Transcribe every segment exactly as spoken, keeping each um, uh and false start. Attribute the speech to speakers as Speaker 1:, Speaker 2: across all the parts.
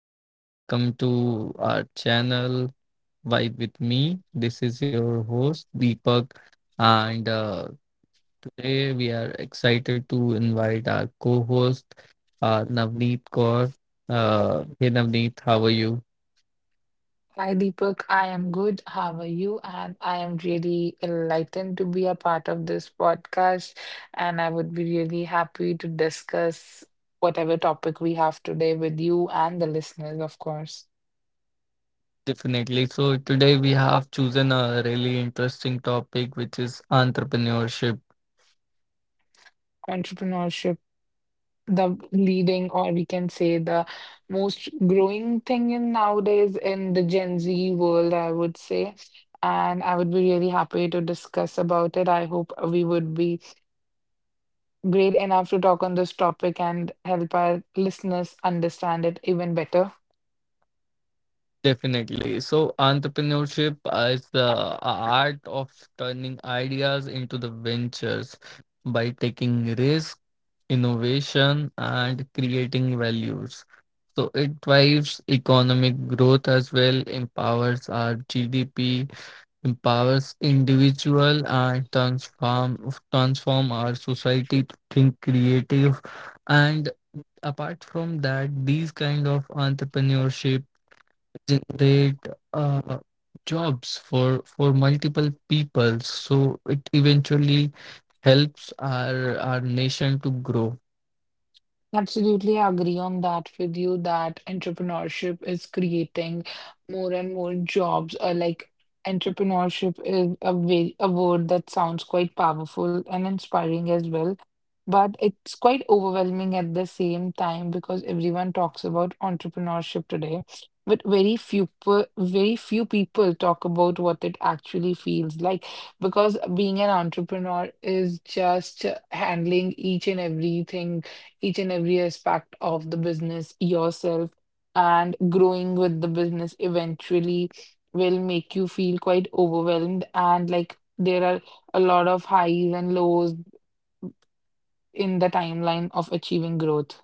Speaker 1: So, hello guys, welcome to our channel Vibe with Me. This is your host Deepak, and uh, today we are excited to invite our co host uh, Navneet Kaur. Uh, hey Navneet, how are you?
Speaker 2: Hi Deepak, I am good. How are you? And I am really enlightened to be a part of this podcast. And I would be really happy to discuss whatever topic we have today with you and the listeners, of course.
Speaker 1: Definitely. So, today we have chosen a really interesting topic which is entrepreneurship.
Speaker 2: Entrepreneurship, the leading, or we can say the most growing thing in nowadays in the Gen Z world, I would say. And I would be really happy to discuss about it. I hope we would be great enough to talk on this topic and help our listeners understand it even better.
Speaker 1: Definitely. So, entrepreneurship is the art of turning ideas into the ventures by taking risk, innovation, and creating values. So, it drives economic growth as well, empowers our G D P, empowers individual, and transform transform our society to think creative. And apart from that, these kind of entrepreneurship generate uh, jobs for for multiple people, so it eventually helps our our nation to grow.
Speaker 2: Absolutely, I agree on that with you that entrepreneurship is creating more and more jobs. Uh, like entrepreneurship is a way, a word that sounds quite powerful and inspiring as well, but it's quite overwhelming at the same time because everyone talks about entrepreneurship today, but very few per, very few people talk about what it actually feels like because being an entrepreneur is just handling each and everything each and every aspect of the business yourself and growing with the business eventually will make you feel quite overwhelmed and like there are a lot of highs and lows in the timeline of achieving growth.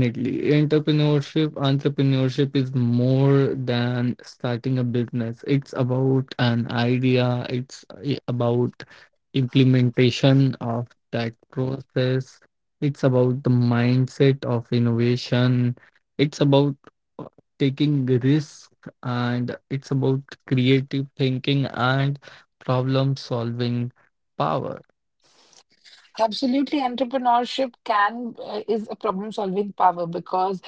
Speaker 1: Definitely. Entrepreneurship, entrepreneurship is more than starting a business. It's about an idea, it's i- about implementation of that process. It's about the mindset of innovation. It's about uh, taking risks, and it's about creative thinking and problem solving power.
Speaker 2: Absolutely, entrepreneurship can uh, is a problem solving power because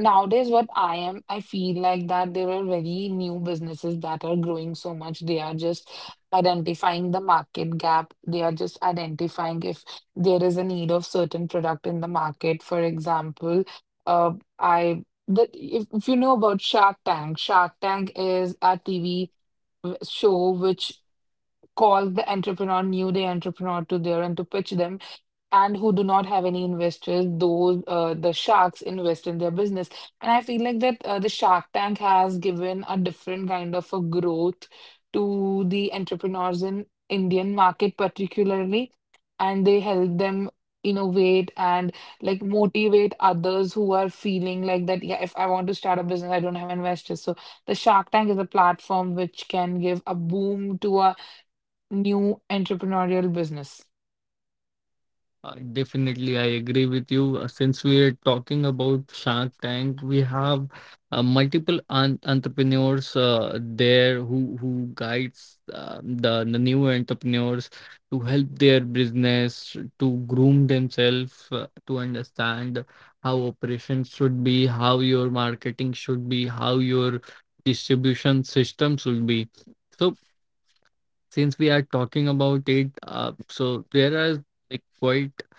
Speaker 2: nowadays, what I am, I feel like that there are very new businesses that are growing so much. They are just identifying the market gap. They are just identifying if there is a need of certain product in the market. For example, uh, I that if, if you know about Shark Tank, Shark Tank is a T V show which calls the entrepreneur, new day entrepreneur to there and to pitch them and who do not have any investors, those uh, the sharks invest in their business. And I feel like that uh, the Shark Tank has given a different kind of a growth to the entrepreneurs in Indian market particularly, and they help them innovate and like motivate others who are feeling like that, yeah, if I want to start a business, I don't have investors. So the Shark Tank is a platform which can give a boom to a new entrepreneurial business.
Speaker 1: Uh, Definitely, I agree with you. Uh, Since we are talking about Shark Tank, we have uh, multiple un entrepreneurs uh, there who who guides uh, the the new entrepreneurs to help their business to groom themselves uh, to understand how operations should be, how your marketing should be, how your distribution system should be. So, since we are talking about it, uh, so there are like quite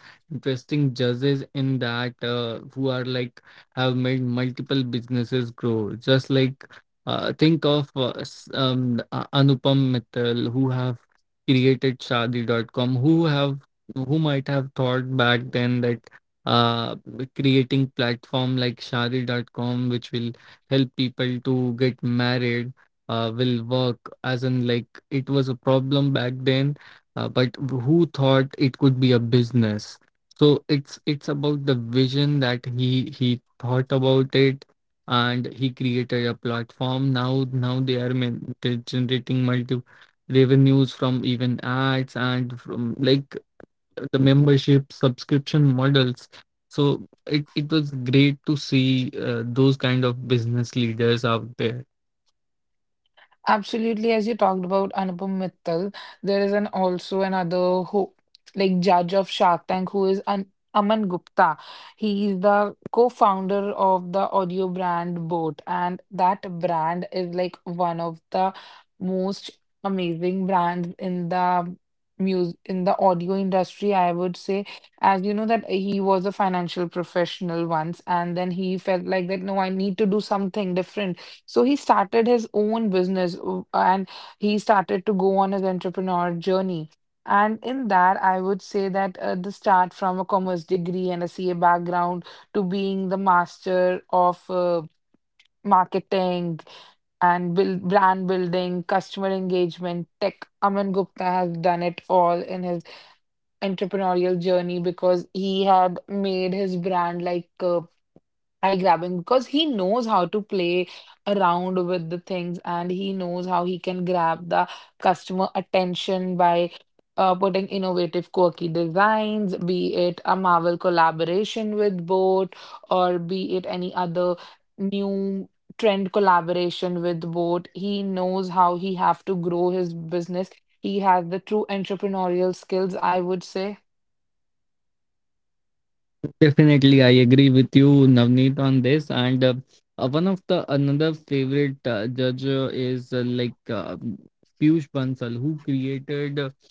Speaker 1: interesting judges in that, uh, who are like have made multiple businesses grow. Just like, uh, think of uh, s- um, A- Anupam Mittal, who have created shadi dot com, who have who might have thought back then that, uh, creating platform like shadi dot com which will help people to get married uh, will work, as in like it was a problem back then, uh, but who thought it could be a business. So it's it's about the vision that he he thought about it, and he created a platform. Now now they are men- they're generating multi revenues from even ads and from like the membership subscription models. So it, it was great to see uh, those kind of business leaders out there.
Speaker 2: Absolutely, as you talked about Anupam Mittal, there is an also another who like judge of Shark Tank who is an Aman Gupta. He is the co-founder of the audio brand Boat, and that brand is like one of the most amazing brands in the music in the audio industry, I would say. As you know that he was a financial professional once, and then he felt like that no, I need to do something different, so he started his own business uh, and he started to go on his entrepreneur journey. And in that, I would say that uh, the start from a commerce degree and a C A background to being the master of uh, marketing and build, brand building, customer engagement, tech. Aman Gupta has done it all in his entrepreneurial journey because he had made his brand like uh, eye grabbing because he knows how to play around with the things and he knows how he can grab the customer attention by uh, putting innovative, quirky designs, be it a Marvel collaboration with Boat or be it any other new trend collaboration with Boat. He knows how he have to grow his business. He has the true entrepreneurial skills, I would say.
Speaker 1: Definitely, I agree with you, Navneet, on this. And uh, uh, one of the another favorite uh, judge uh, is uh, like uh, Piyush Bansal, who created uh,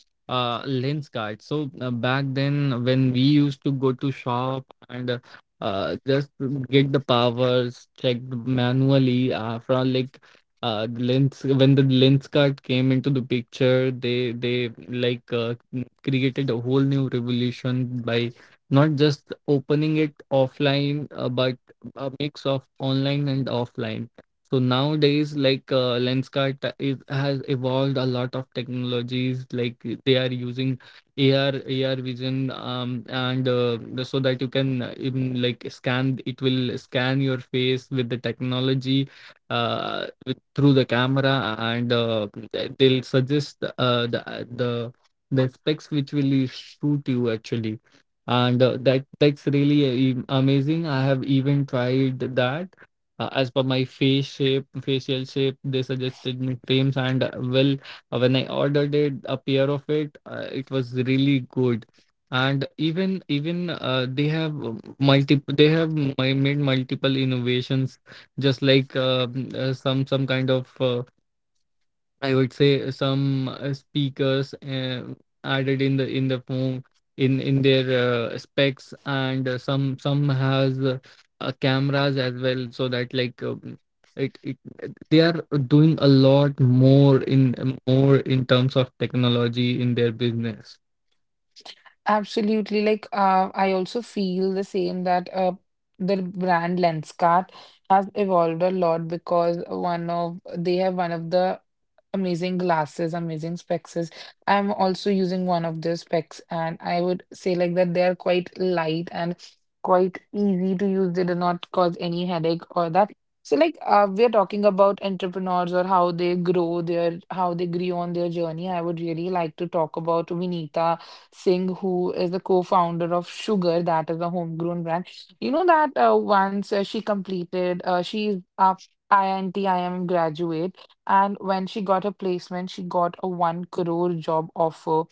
Speaker 1: uh, lens card. So uh, back then, when we used to go to shop and uh, uh, just get the powers checked manually uh, from like uh, the lens, when the lens card came into the picture, they they like uh, created a whole new revolution by not just opening it offline, uh, but a mix of online and offline. So nowadays like, uh, lenskart is, has evolved a lot of technologies. Like, they are using ar ar vision, um, and uh, the- so that you can uh, even like scan It will scan your face with the technology uh, with, through the camera, and uh, they'll suggest uh, the the the specs which will suit you actually. And uh, that that's really uh, e, amazing. I have even tried that uh, as per my face shape, facial shape. They suggested me creams, and uh, well uh, when I ordered it, a pair of it, uh, it was really good. And even even uh, they have multiple they have mi- made multiple innovations, just like uh, mm, uh, some some kind of, uh, I would say, some uh, speakers uh, added in the in the phone, in in their uh, specs, and uh, some some has, uh, uh, cameras as well, so that like, um, it, it, they are doing a lot more in, um, more in terms of technology in their business.
Speaker 2: Absolutely. Like, uh, I also feel the same that uh, the brand Lenskart has evolved a lot because one of they have one of the amazing glasses, amazing specs. I'm also using one of their specs, and I would say like that they are quite light and quite easy to use. They do not cause any headache or that. So like uh, we are talking about entrepreneurs or how they grow their how they grow on their journey. I would really like to talk about Vinita Singh, who is the co-founder of Sugar, that is a homegrown brand. You know that uh, once uh, she completed, uh, she's a I I T I I M graduate, and when she got a placement, she got a one crore job offer.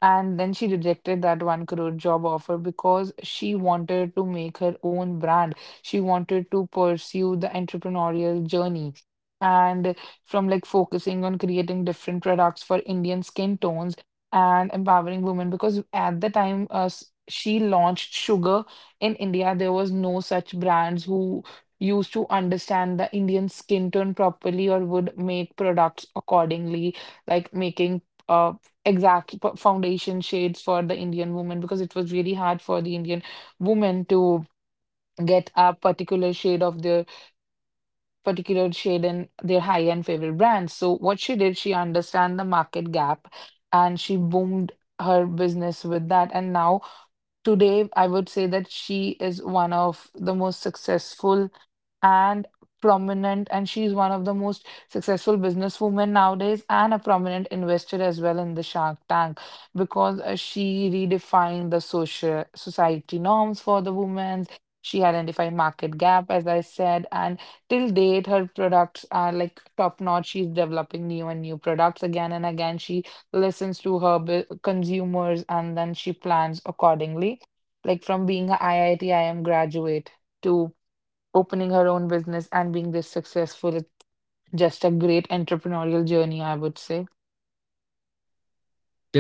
Speaker 2: And then she rejected that one crore job offer because she wanted to make her own brand. She wanted to pursue the entrepreneurial journey. And from like focusing on creating different products for Indian skin tones and empowering women because at the time uh, s- she launched sugar in India, there was no such brands who used to understand the Indian skin tone properly or would make products accordingly, like making uh, exact p- foundation shades for the Indian woman because it was really hard for the Indian woman to get a particular shade of their particular shade in their high-end favorite brands. So what she did, she understand the market gap and she boomed her business with that. And now today, I would say that she is one of the most successful and prominent and she's one of the most successful businesswomen nowadays and a prominent investor as well in the Shark Tank because uh, she redefined the social society norms for the women. She identified market gap, as I said, and till date her products are like top notch. She's developing new and new products again and again. She listens to her bu- consumers and then she plans accordingly. Like from being a I I T I M graduate to opening her own business and being this successful. It's just a great entrepreneurial journey, I would say.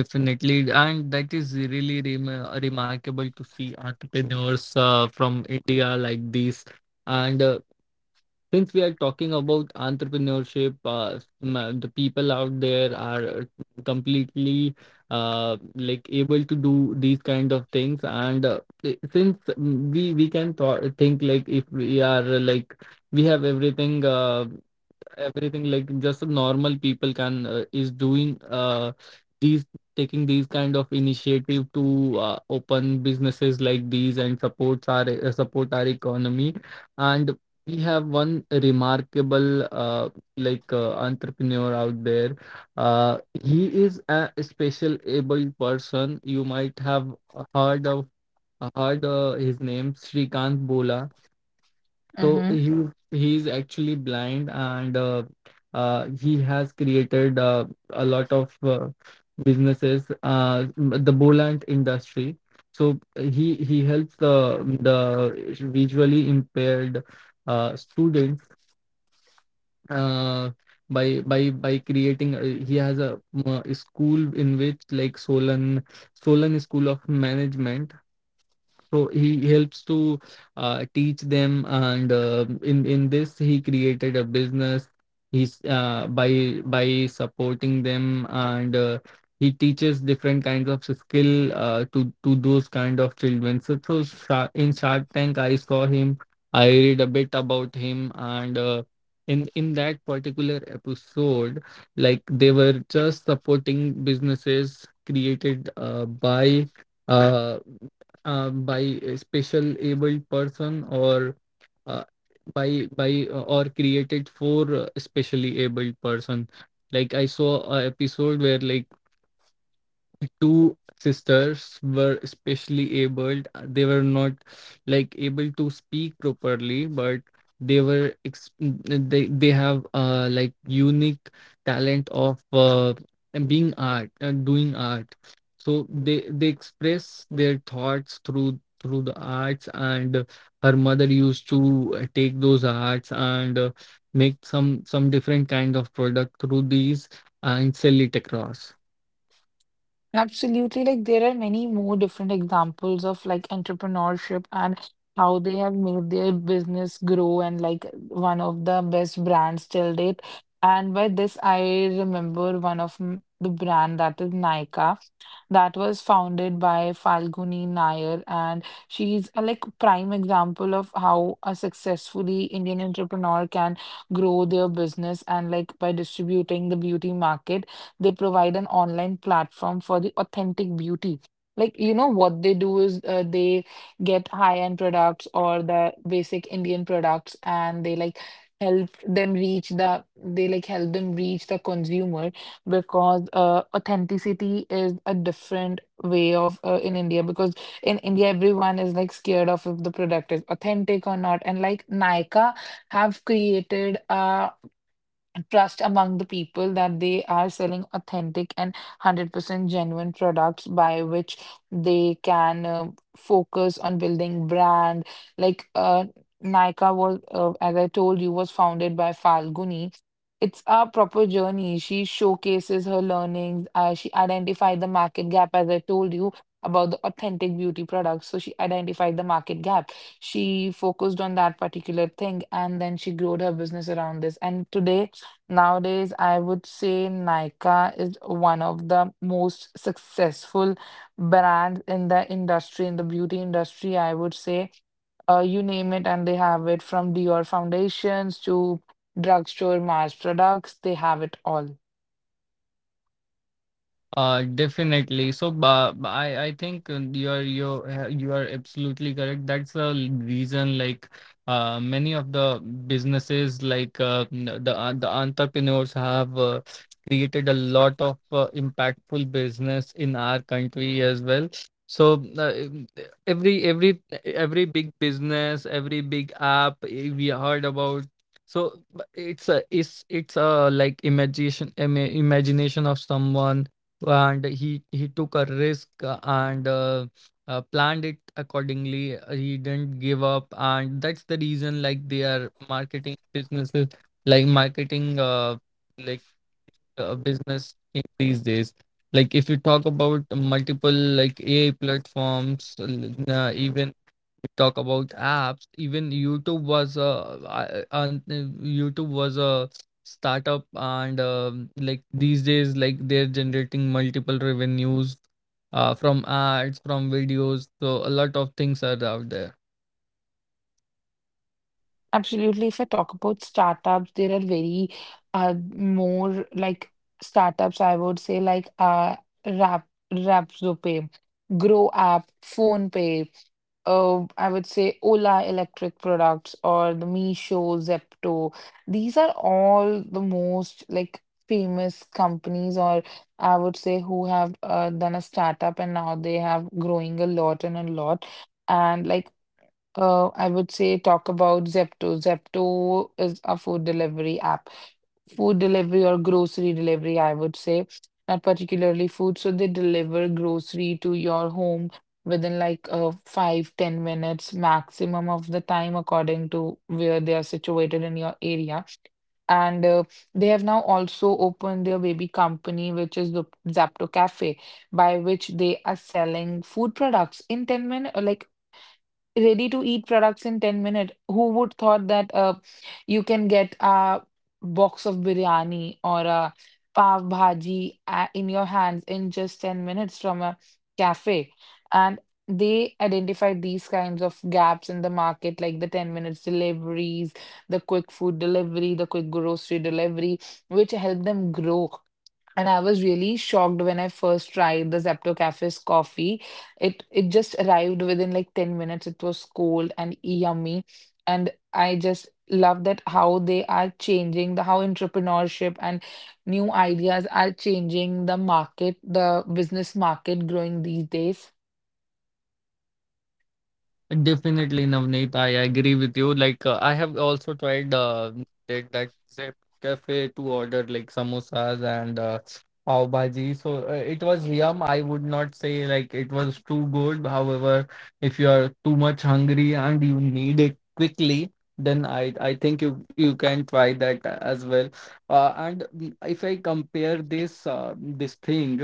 Speaker 1: Definitely, and that is really rem- remarkable to see entrepreneurs uh, from India like this. And uh, since we are talking about entrepreneurship, uh, m- the people out there are completely uh, like able to do these kind of things. And uh, i- since we we can th- think like, if we are uh, like, we have everything. Uh, everything like, just normal people can uh, is doing uh these, taking these kind of initiative to uh, open businesses like these and supports our uh, support our economy. And we have one remarkable uh, like uh, entrepreneur out there. uh, he is a special abled person. You might have heard of heard uh, his name, Shrikant Bola. So
Speaker 2: hmm
Speaker 1: he he is actually blind, and uh, uh, he has created uh, a lot of uh, businesses, uh, the Boland industry. So he he helps the the visually impaired uh, students, uh, by by by creating. Uh, he has a, uh, school in which like Solan Solan School of Management. So he helps to uh, teach them, and uh, in in this he created a business. He's uh, by by supporting them, and uh, he teaches different kinds of skill uh, to to those kind of children. So, so Sha- in shark tank I saw him, I read a bit about him, and uh, in in that particular episode, like they were just supporting businesses created uh, by Uh, um, by a special abled person, or uh, by by uh, or created for uh, specially abled person. Like, I saw a episode where like the two sisters were especially abled. They were not like able to speak properly, but they were ex- they they have uh like unique talent of uh, being art and doing art. So they they express their thoughts through through the arts, and her mother used to uh, take those arts, and uh, make some some different kind of product through these and sell it across.
Speaker 2: Absolutely. Like there are many more different examples of like entrepreneurship and how they have made their business grow and like one of the best brands till date. And by this, I remember one of m- the brand that is Nykaa that was founded by Falguni Nair, and she's a like prime example of how a successfully Indian entrepreneur can grow their business and like by distributing the beauty market. They provide an online platform for the authentic beauty. Like, you know, what they do is uh, they get high-end products or the basic Indian products and they like help them reach the, they like help them reach the consumer because uh, authenticity is a different way of uh, in India because in India everyone is like scared of if the product is authentic or not. And like Nykaa have created a trust among the people that they are selling authentic and a hundred percent genuine products by which they can uh, focus on building brand. like uh, Nykaa was uh, as I told you was founded by Falguni. It's a proper journey. She showcases her learnings. Uh, she identified the market gap as I told you about the authentic beauty products, so she identified the market gap. She focused on that particular thing and then she grew her business around this. And today, nowadays, I would say Nykaa is one of the most successful brands in the industry, in the beauty industry, I would say. Uh, you name it, and they have it from Dior foundations to drugstore mass products, they have it all.
Speaker 1: Uh, definitely. So, uh, I I think uh, you are you are- you are absolutely correct. That's the reason, like, uh, many of the businesses, like, uh, n- the uh, the entrepreneurs, have uh, created a lot of uh, impactful business in our country as well. So, uh, em- every every every big business, every big app, eh, we heard about. So, but it's a it's it's a like imagination, ima- imagination of someone, and he he took a risk, uh, and uh, uh, planned it accordingly. Uh, he didn't give up, and that's the reason, like they are marketing businesses, like marketing, uh, like uh, business in these days. Like, if you talk about multiple like AI platforms, uh, even we talk about apps, even YouTube was a, and, uh, YouTube was a startup, and um, like these days, like they're generating multiple revenues uh, from ads, from videos. So a lot of things are out there.
Speaker 2: Absolutely. If I talk about startups, there are very uh, more like startups, I would say like uh Rap Rapzopay, Grow app, PhonePe, uh, I would say Ola Electric products or the Meesho, Zepto. These are all the most like famous companies or I would say who have uh, done a startup and now they have growing a lot and a lot. And like uh, I would say talk about Zepto. Zepto is a food delivery app, food delivery or grocery delivery, I would say, not particularly food. So they deliver grocery to your home within like uh, five ten minutes maximum of the time, according to where they are situated in your area. And uh, They have now also opened their baby company, which is the Zepto Cafe, by which they are selling food products in ten minutes, like ready to eat products in ten minutes. Who would thought that uh, you can get a box of biryani or a pav bhaji uh, in your hands in just ten minutes from a cafe? And they identified these kinds of gaps in the market, like the ten minutes deliveries, the quick food delivery, the quick grocery delivery, which helped them grow. And I was really shocked when I first tried the Zepto Cafe's coffee. It it just arrived within like ten minutes. It was cold and yummy. And I just love that how they are changing the how entrepreneurship and new ideas are changing the market, the business market growing these days.
Speaker 1: Definitely, Navneet, I agree with you. Like, uh, I have also tried uh, that that Zep cafe to order like samosas and uh, pav bhaji. So uh, it was yum. I would not say like it was too good. However, if you are too much hungry and you need it quickly, then I I think you you can try that uh, as well. Uh, and mm, if I compare this uh, this thing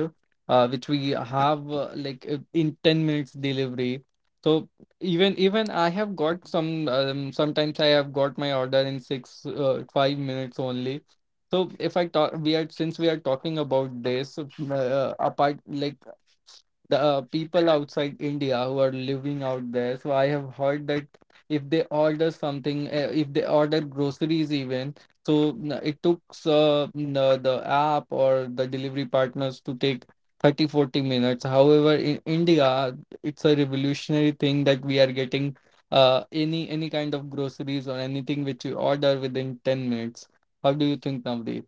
Speaker 1: uh, which we have, uh, like uh, in ten minutes delivery. So even even I have got some, um, sometimes I have got my order in six uh, five minutes only. So if I talk, we are, since we are talking about this uh, apart, like the uh, people outside India who are living out there. So I have heard that if they order something, uh, if they order groceries even, so n- it took uh, the, the app or the delivery partners to take thirty forty minutes. However, in India, it's a revolutionary thing that we are getting uh, any any kind of groceries or anything which you order within ten minutes. How do you think, Navdeep?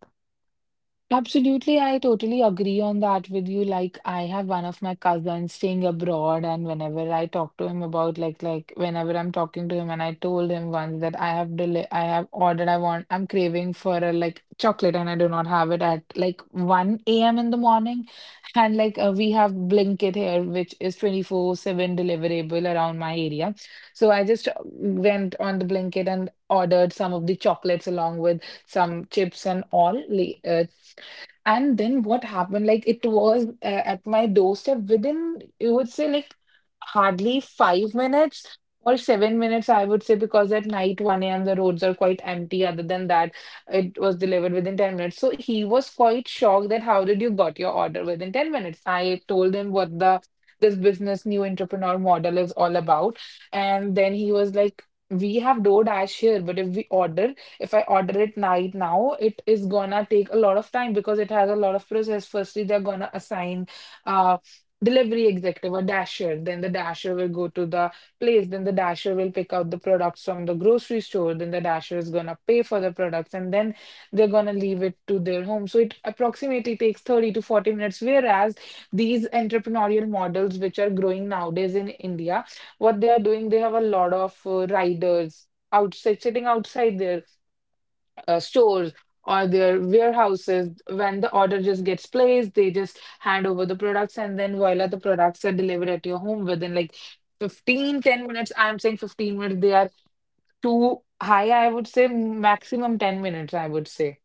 Speaker 2: Absolutely, I totally agree on that with you. Like, I have one of my cousins staying abroad, and whenever I talk to him about like like whenever I'm talking to him, and I told him once that I have deli I have ordered, I want, I'm craving for a like chocolate, and I do not have it at like one a m in the morning, and like uh, we have Blinkit here, which is twenty-four seven deliverable around my area. So I just uh, went on the Blinkit and ordered some of the chocolates along with some chips and all li- uh, and then what happened, like it was uh, at my doorstep within, you would say, like hardly five minutes or seven minutes, I would say, because at night one a m the roads are quite empty. Other than that, it was delivered within ten minutes. So he was quite shocked that how did you got your order within ten minutes? I told him what the this business new entrepreneur model is all about. And then he was like, we have DoorDash here, but if we order if I order it night now, it is gonna take a lot of time because it has a lot of process. Firstly, they're gonna assign uh delivery executive or dasher. Then the dasher will go to the place. Then the dasher will pick out the products from the grocery store. Then the dasher is gonna pay for the products and then they're gonna leave it to their home. So it approximately takes thirty to forty minutes. Whereas these entrepreneurial models which are growing nowadays in India, what they are doing, they have a lot of uh, riders outside sitting outside their uh, stores or their warehouses when the order just gets placed, they just hand over the products, and then voila, the products are delivered at your home within like fifteen, ten minutes. I'm saying fifteen minutes they are too high. I would say maximum ten minutes, I would say.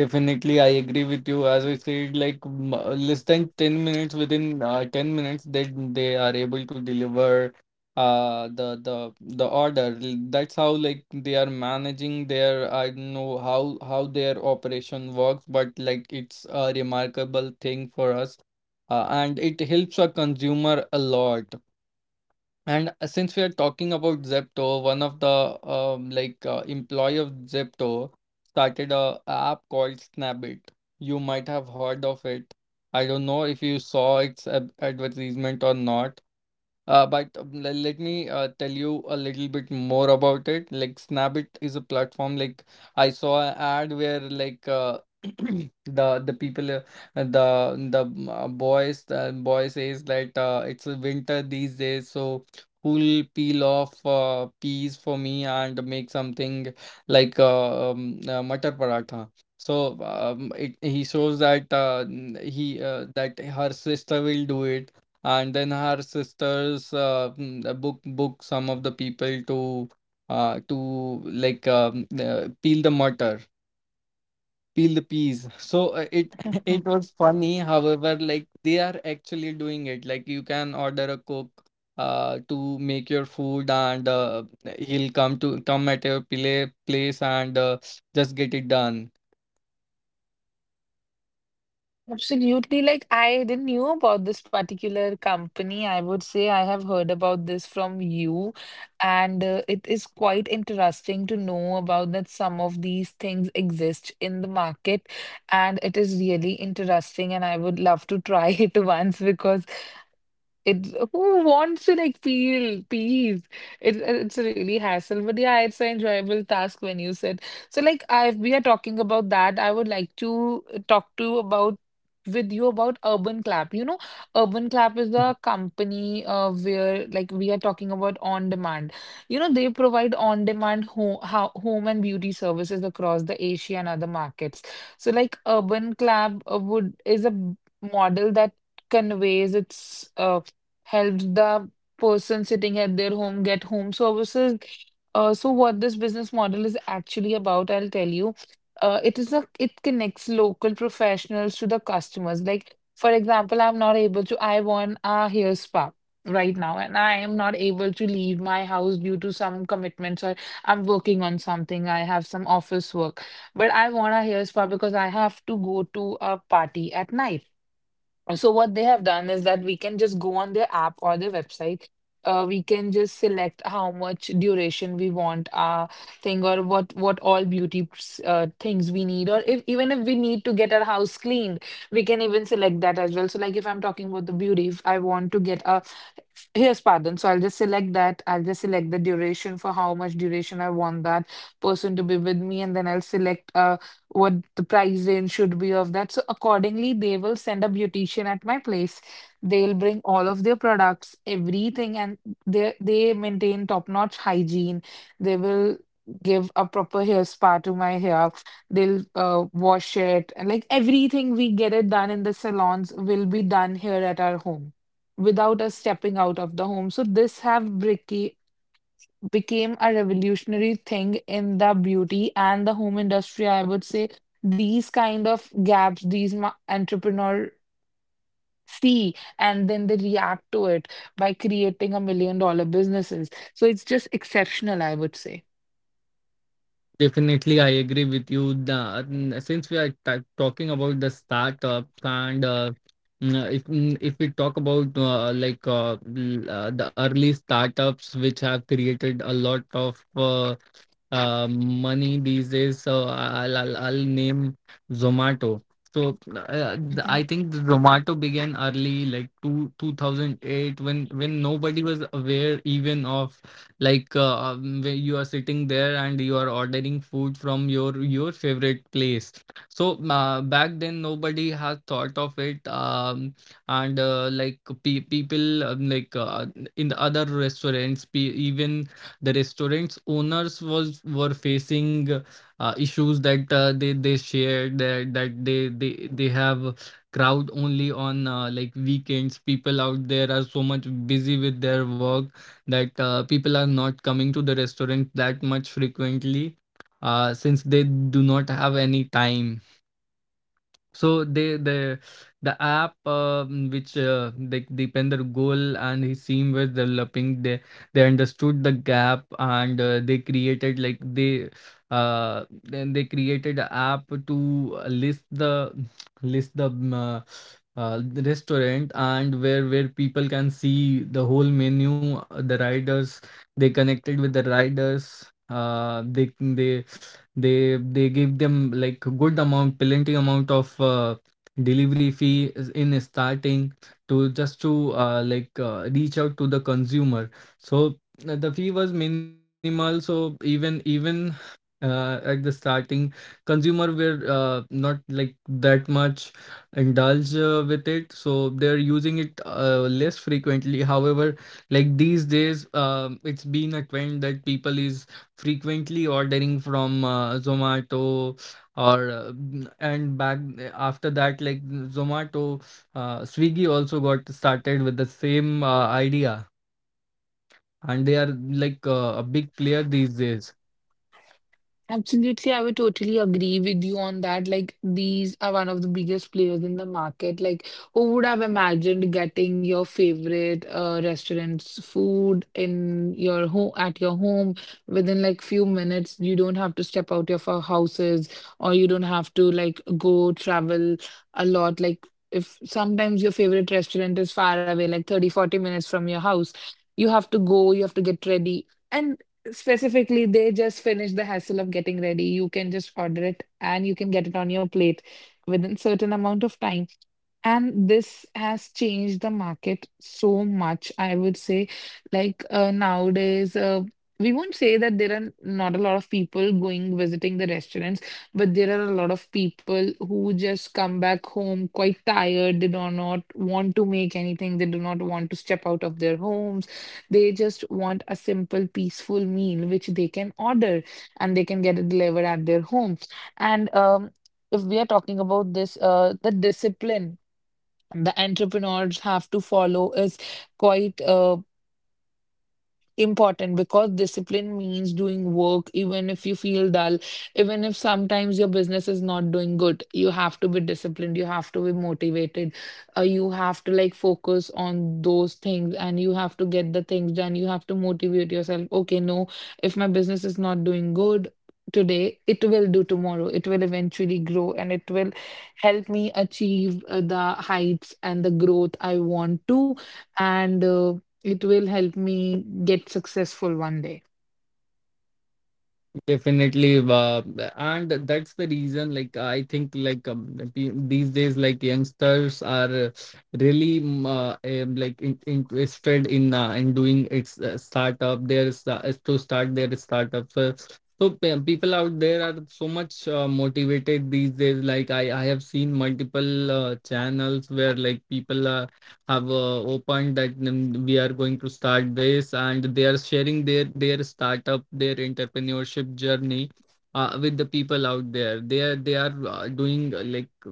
Speaker 1: Definitely, I agree with you. As I said, like, m- uh, less than ten minutes, within uh, ten minutes, they they are able to deliver uh the the the order. L- That's how like they are managing their, I don't know how how their operation works, but like it's a remarkable thing for us. Uh, and it helps a consumer a lot. And uh, since we are talking about Zepto, one of the, um, like uh, employee of Zepto started a app called Snapbit. You might have heard of it. I don't know if you saw its ad advertisement or not, uh, but um, le- let me uh, tell you a little bit more about it. Like, Snapit is a platform. Like, I saw an ad where like uh, the the people uh, the the mm, uh, boys the boy says that uh, it's a winter these days, so who'll peel off uh, peas for me and make something like, uh, um, uh, matar paratha. So um, it, he shows that uh, n- he uh, that her sister will do it, and then her sisters uh, mm, uh, book book some of the people to uh, to like um, uh, peel the murder peel the peas. So uh, it it was funny. However, like, they are actually doing it. Like, you can order a cook uh, to make your food, and uh, he'll come to come at your pla place and uh, just get it done.
Speaker 2: Absolutely. Like, I didn't knew about this particular company. I would say I have heard about this from you, and uh, it is quite interesting to know about that some of these things exist in the market, and it is really interesting, and I would love to try it once because it who wants to like feel peace? It it's a really hassle, but yeah, it's an enjoyable task when you said. So like I we are talking about that, I would like to uh, talk to about with you about Urban Clap. You know, Urban Clap is a company uh, where like we are talking about on demand. You know, they provide on demand home how, home and beauty services across the Asia and other markets. So like Urban Clap uh, would is a b- model that conveys its uh, helps the person sitting at their home get home services. Uh, so what this business model is actually about, I'll tell you. Uh, it is a it connects local professionals to the customers. Like for example, I'm not able to. I want a hair spa right now, and I am not able to leave my house due to some commitments or I'm working on something. I have some office work, but I want a hair spa because I have to go to a party at night. Uh, So what they have done is that we can just go on their app or their website. Uh, we can just select how much duration we want our thing or what what all beauty s- uh, things we need, or if even if we need to get our house cleaned, we can even select that as well. So like if I'm talking about the beauty, if I want to get a hair spa done, so I'll just select that. I'll just select the duration for how much duration I want that person to be with me, and then I'll select. Uh, what the price range should be of that. So accordingly, they will send a beautician at my place. They'll bring all of their products, everything, and they they maintain top-notch hygiene. They will give a proper hair spa to my hair. They'll uh, wash it, and like everything we get it done in the salons will be done here at our home without us stepping out of the home. So this have bricky became a revolutionary thing in the beauty and the home industry. I would say these kind of gaps, these ma- entrepreneur see and then they react to it by creating a million dollar businesses. So it's just exceptional, I would say.
Speaker 1: Definitely, I agree with you. The, mm, since we are ta talking about the startups and uh, mm, uh, if mm, if we talk about uh, like uh, l- uh, the early startups which have created a lot of uh, uh, money these days, so I'll I'll, I'll name Zomato. So uh, the- I think the Zomato began early, like two two thousand eight, when when nobody was aware even of like uh, um, where you are sitting there and you are ordering food from your your favorite place. So uh, back then nobody has thought of it, um, and uh, like pe- people um, like uh, in the other restaurants, pe- even the restaurants owners was were facing uh, issues that uh, they they shared that that they they they have crowd only on uh, like weekends. People out there are so much busy with their work that uh, people are not coming to the restaurant that much frequently, uh, since they do not have any time. So they the the app, um, which uh, they depend, their Goal and his team was developing, they they understood the gap, and uh, they created, like, they uh then they created an app to list the list the um, uh, uh, the restaurant, and where where people can see the whole menu. Uh, the riders they connected with the riders. uh they they they they gave them like good amount, plenty amount of uh, delivery fee is- in starting, to just to uh, like uh, reach out to the consumer. So uh, the fee was minimal. So even even uh, at the starting, consumer were uh, not like that much indulge uh, with it. So they're using it uh, less frequently. However, like, these days, um, it's been a trend that people is frequently ordering from uh, Zomato, or uh, mm, and back after that, like, Zomato, uh, Swiggy also got started with the same uh, idea, and they are like uh, a big player these days.
Speaker 2: Absolutely, I would totally agree with you on that. Like, these are one of the biggest players in the market. Like, who would have imagined getting your favorite uh, restaurant's food in your home at your home within like few minutes? You don't have to step out of our houses, or you don't have to like go travel a lot. Like, if sometimes your favorite restaurant is far away, like thirty forty minutes from your house, you have to go, you have to get ready. And. Specifically, they just finish the hassle of getting ready. You can just order it and you can get it on your plate within certain amount of time. And this has changed the market so much, I would say. Like uh, nowadays, uh, we won't say that there are not a lot of people going visiting the restaurants, but there are a lot of people who just come back home quite tired. They do not want to make anything, they do not want to step out of their homes. They just want a simple, peaceful meal which they can order and they can get it delivered at their home. And um, if we are talking about this uh the discipline the entrepreneurs have to follow is quite uh, important, because discipline means doing work even if you feel dull, even if sometimes your business is not doing good. You have to be disciplined, you have to be motivated, uh, you have to like focus on those things and you have to get the things done. You have to motivate yourself. Okay, no, if my business is not doing good, today, it will do tomorrow. It will eventually grow and it will help me achieve uh, the heights and the growth I want to. And uh, it will help me get successful one day.
Speaker 1: Definitely, uh, and that's the reason. Like, I think, like, um, pe- these days, like, youngsters are really um, uh, um, like in, interested in uh, in doing its uh, startup. There's uh, To start their startup. So, so pe- people out there are so much uh, motivated these days. Like I, I have seen multiple uh, channels where, like, people are have uh, opened that, mm, we are going to start this, and they are sharing their their startup, their entrepreneurship journey uh, with the people out there. They are they are uh, doing uh, like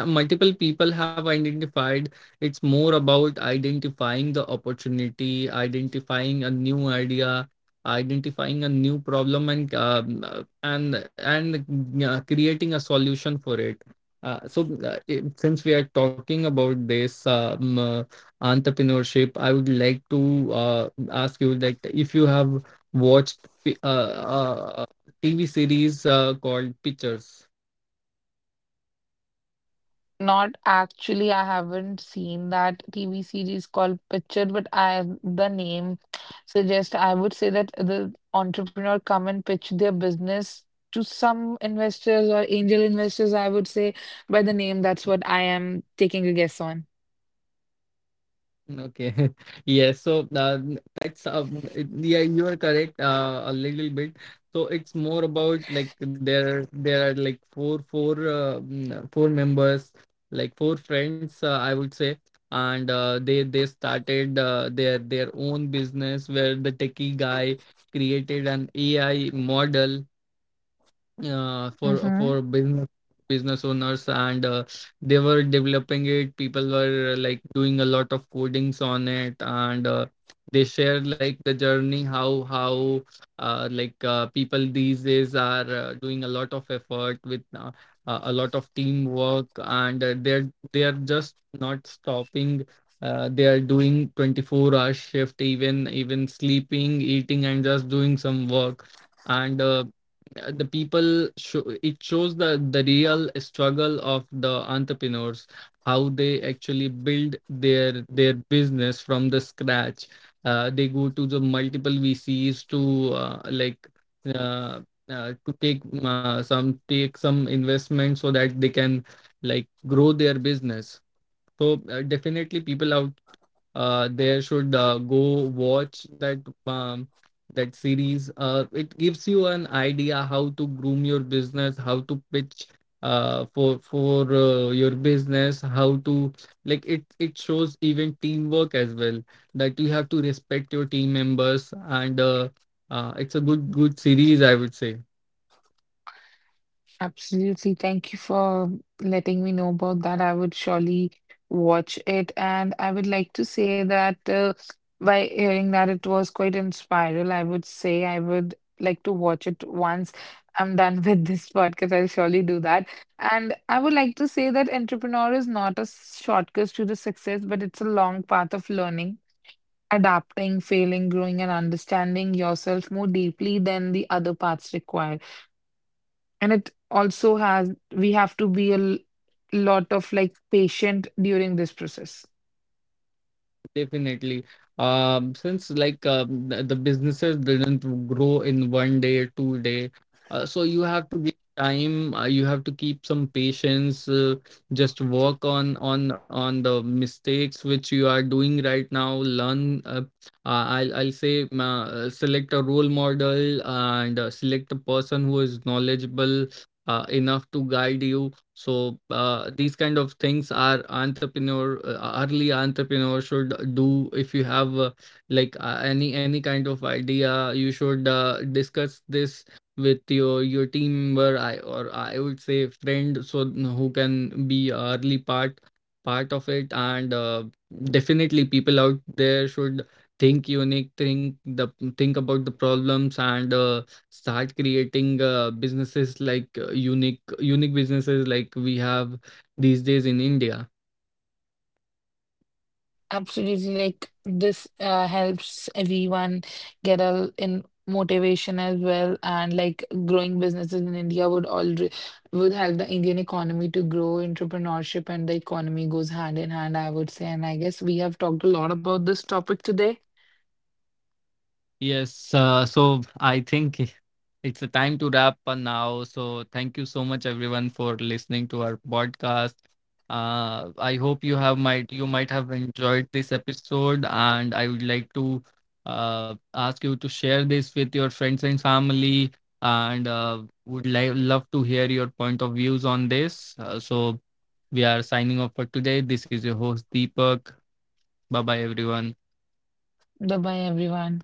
Speaker 1: they have multiple, people have identified, it's more about identifying the opportunity, identifying a new idea, identifying a new problem, and um, uh, and and uh, creating a solution for it. uh, so uh, it- since we are talking about this, um, uh, entrepreneurship, I would like to uh, ask you, like, if you have watched uh, uh, T V series uh, called Pictures.
Speaker 2: Not actually, I haven't seen that T V series called Picture, but I the name suggest I would say that the entrepreneur come and pitch their business to some investors or angel investors, I would say by the name, that's what I am taking a guess on.
Speaker 1: Okay. Yes. So uh, that's uh, it- yeah, you are correct uh, a little bit. So it's more about, like, there there are like four four uh, mm, four members, like four friends, uh, I would say, and uh, they they started uh, their their own business where the techie guy created an A I model uh, for
Speaker 2: Mm-hmm.
Speaker 1: for business business owners, and uh, they were developing it. People were uh, like doing a lot of codings on it, and uh, they share like the journey, how how uh, like uh, people these days are uh, doing a lot of effort with uh, uh, a lot of teamwork, and uh, they're they're just not stopping. Uh, they are doing twenty-four hour shift, even even sleeping, eating, and just doing some work, and uh, uh, the people show it shows the the real struggle of the entrepreneurs, how they actually build their their business from the scratch. Uh, they go to the multiple vcs to uh, like uh, uh, to take uh, some take some investment so that they can like grow their business. So uh, definitely, people out uh they should uh, go watch that um that series. Uh it gives you an idea how to groom your business, how to pitch uh for for uh, your business, how to, like, it it shows even teamwork as well, that you have to respect your team members, and uh, uh it's a good good series, I would say.
Speaker 2: Absolutely. Thank you for letting me know about that. I would surely watch it. And I would like to say that uh, by hearing that it was quite inspiring. I would say I would like to watch it once I'm done with this podcast. I'll surely do that. And I would like to say that entrepreneur is not a shortcut to the success, but it's a long path of learning, adapting, failing, growing, and understanding yourself more deeply than the other paths require. And it also has, we have to be a l- lot of like patient during this process.
Speaker 1: Definitely. Um, since, like, um, the, the businesses didn't grow in one day, two day, uh, so you have to give time. Uh, you have to keep some patience. Uh, just work on on on the mistakes which you are doing right now. Learn. Uh, uh, I'll I'll say, um, uh, select a role model, and uh, select a person who is knowledgeable uh, enough to guide you. So uh, these kind of things are entrepreneur, uh, early entrepreneur should do. If you have uh, like uh, any any kind of idea, you should uh, discuss this with your your team member, I, or I would say friend, so who can be a early part part of it, and uh, definitely, people out there should think unique, think the think about the problems, and uh, start creating uh, businesses like uh, unique unique businesses, like we have these days in India.
Speaker 2: Absolutely, like this uh, helps everyone get a in motivation as well, and like growing businesses in India would already would help the Indian economy to grow. Entrepreneurship and the economy goes hand in hand, I would say. And I guess we have talked a lot about this topic today.
Speaker 1: Yes, uh, so I think it's a time to wrap up now. So thank you so much, everyone, for listening to our podcast. Uh, I hope you have might you might have enjoyed this episode, and I would like to uh, ask you to share this with your friends and family, and uh, would li- love to hear your point of views on this. Uh, so we are signing off for today. This is your host, Deepak. Bye bye, everyone.
Speaker 2: Bye bye, everyone.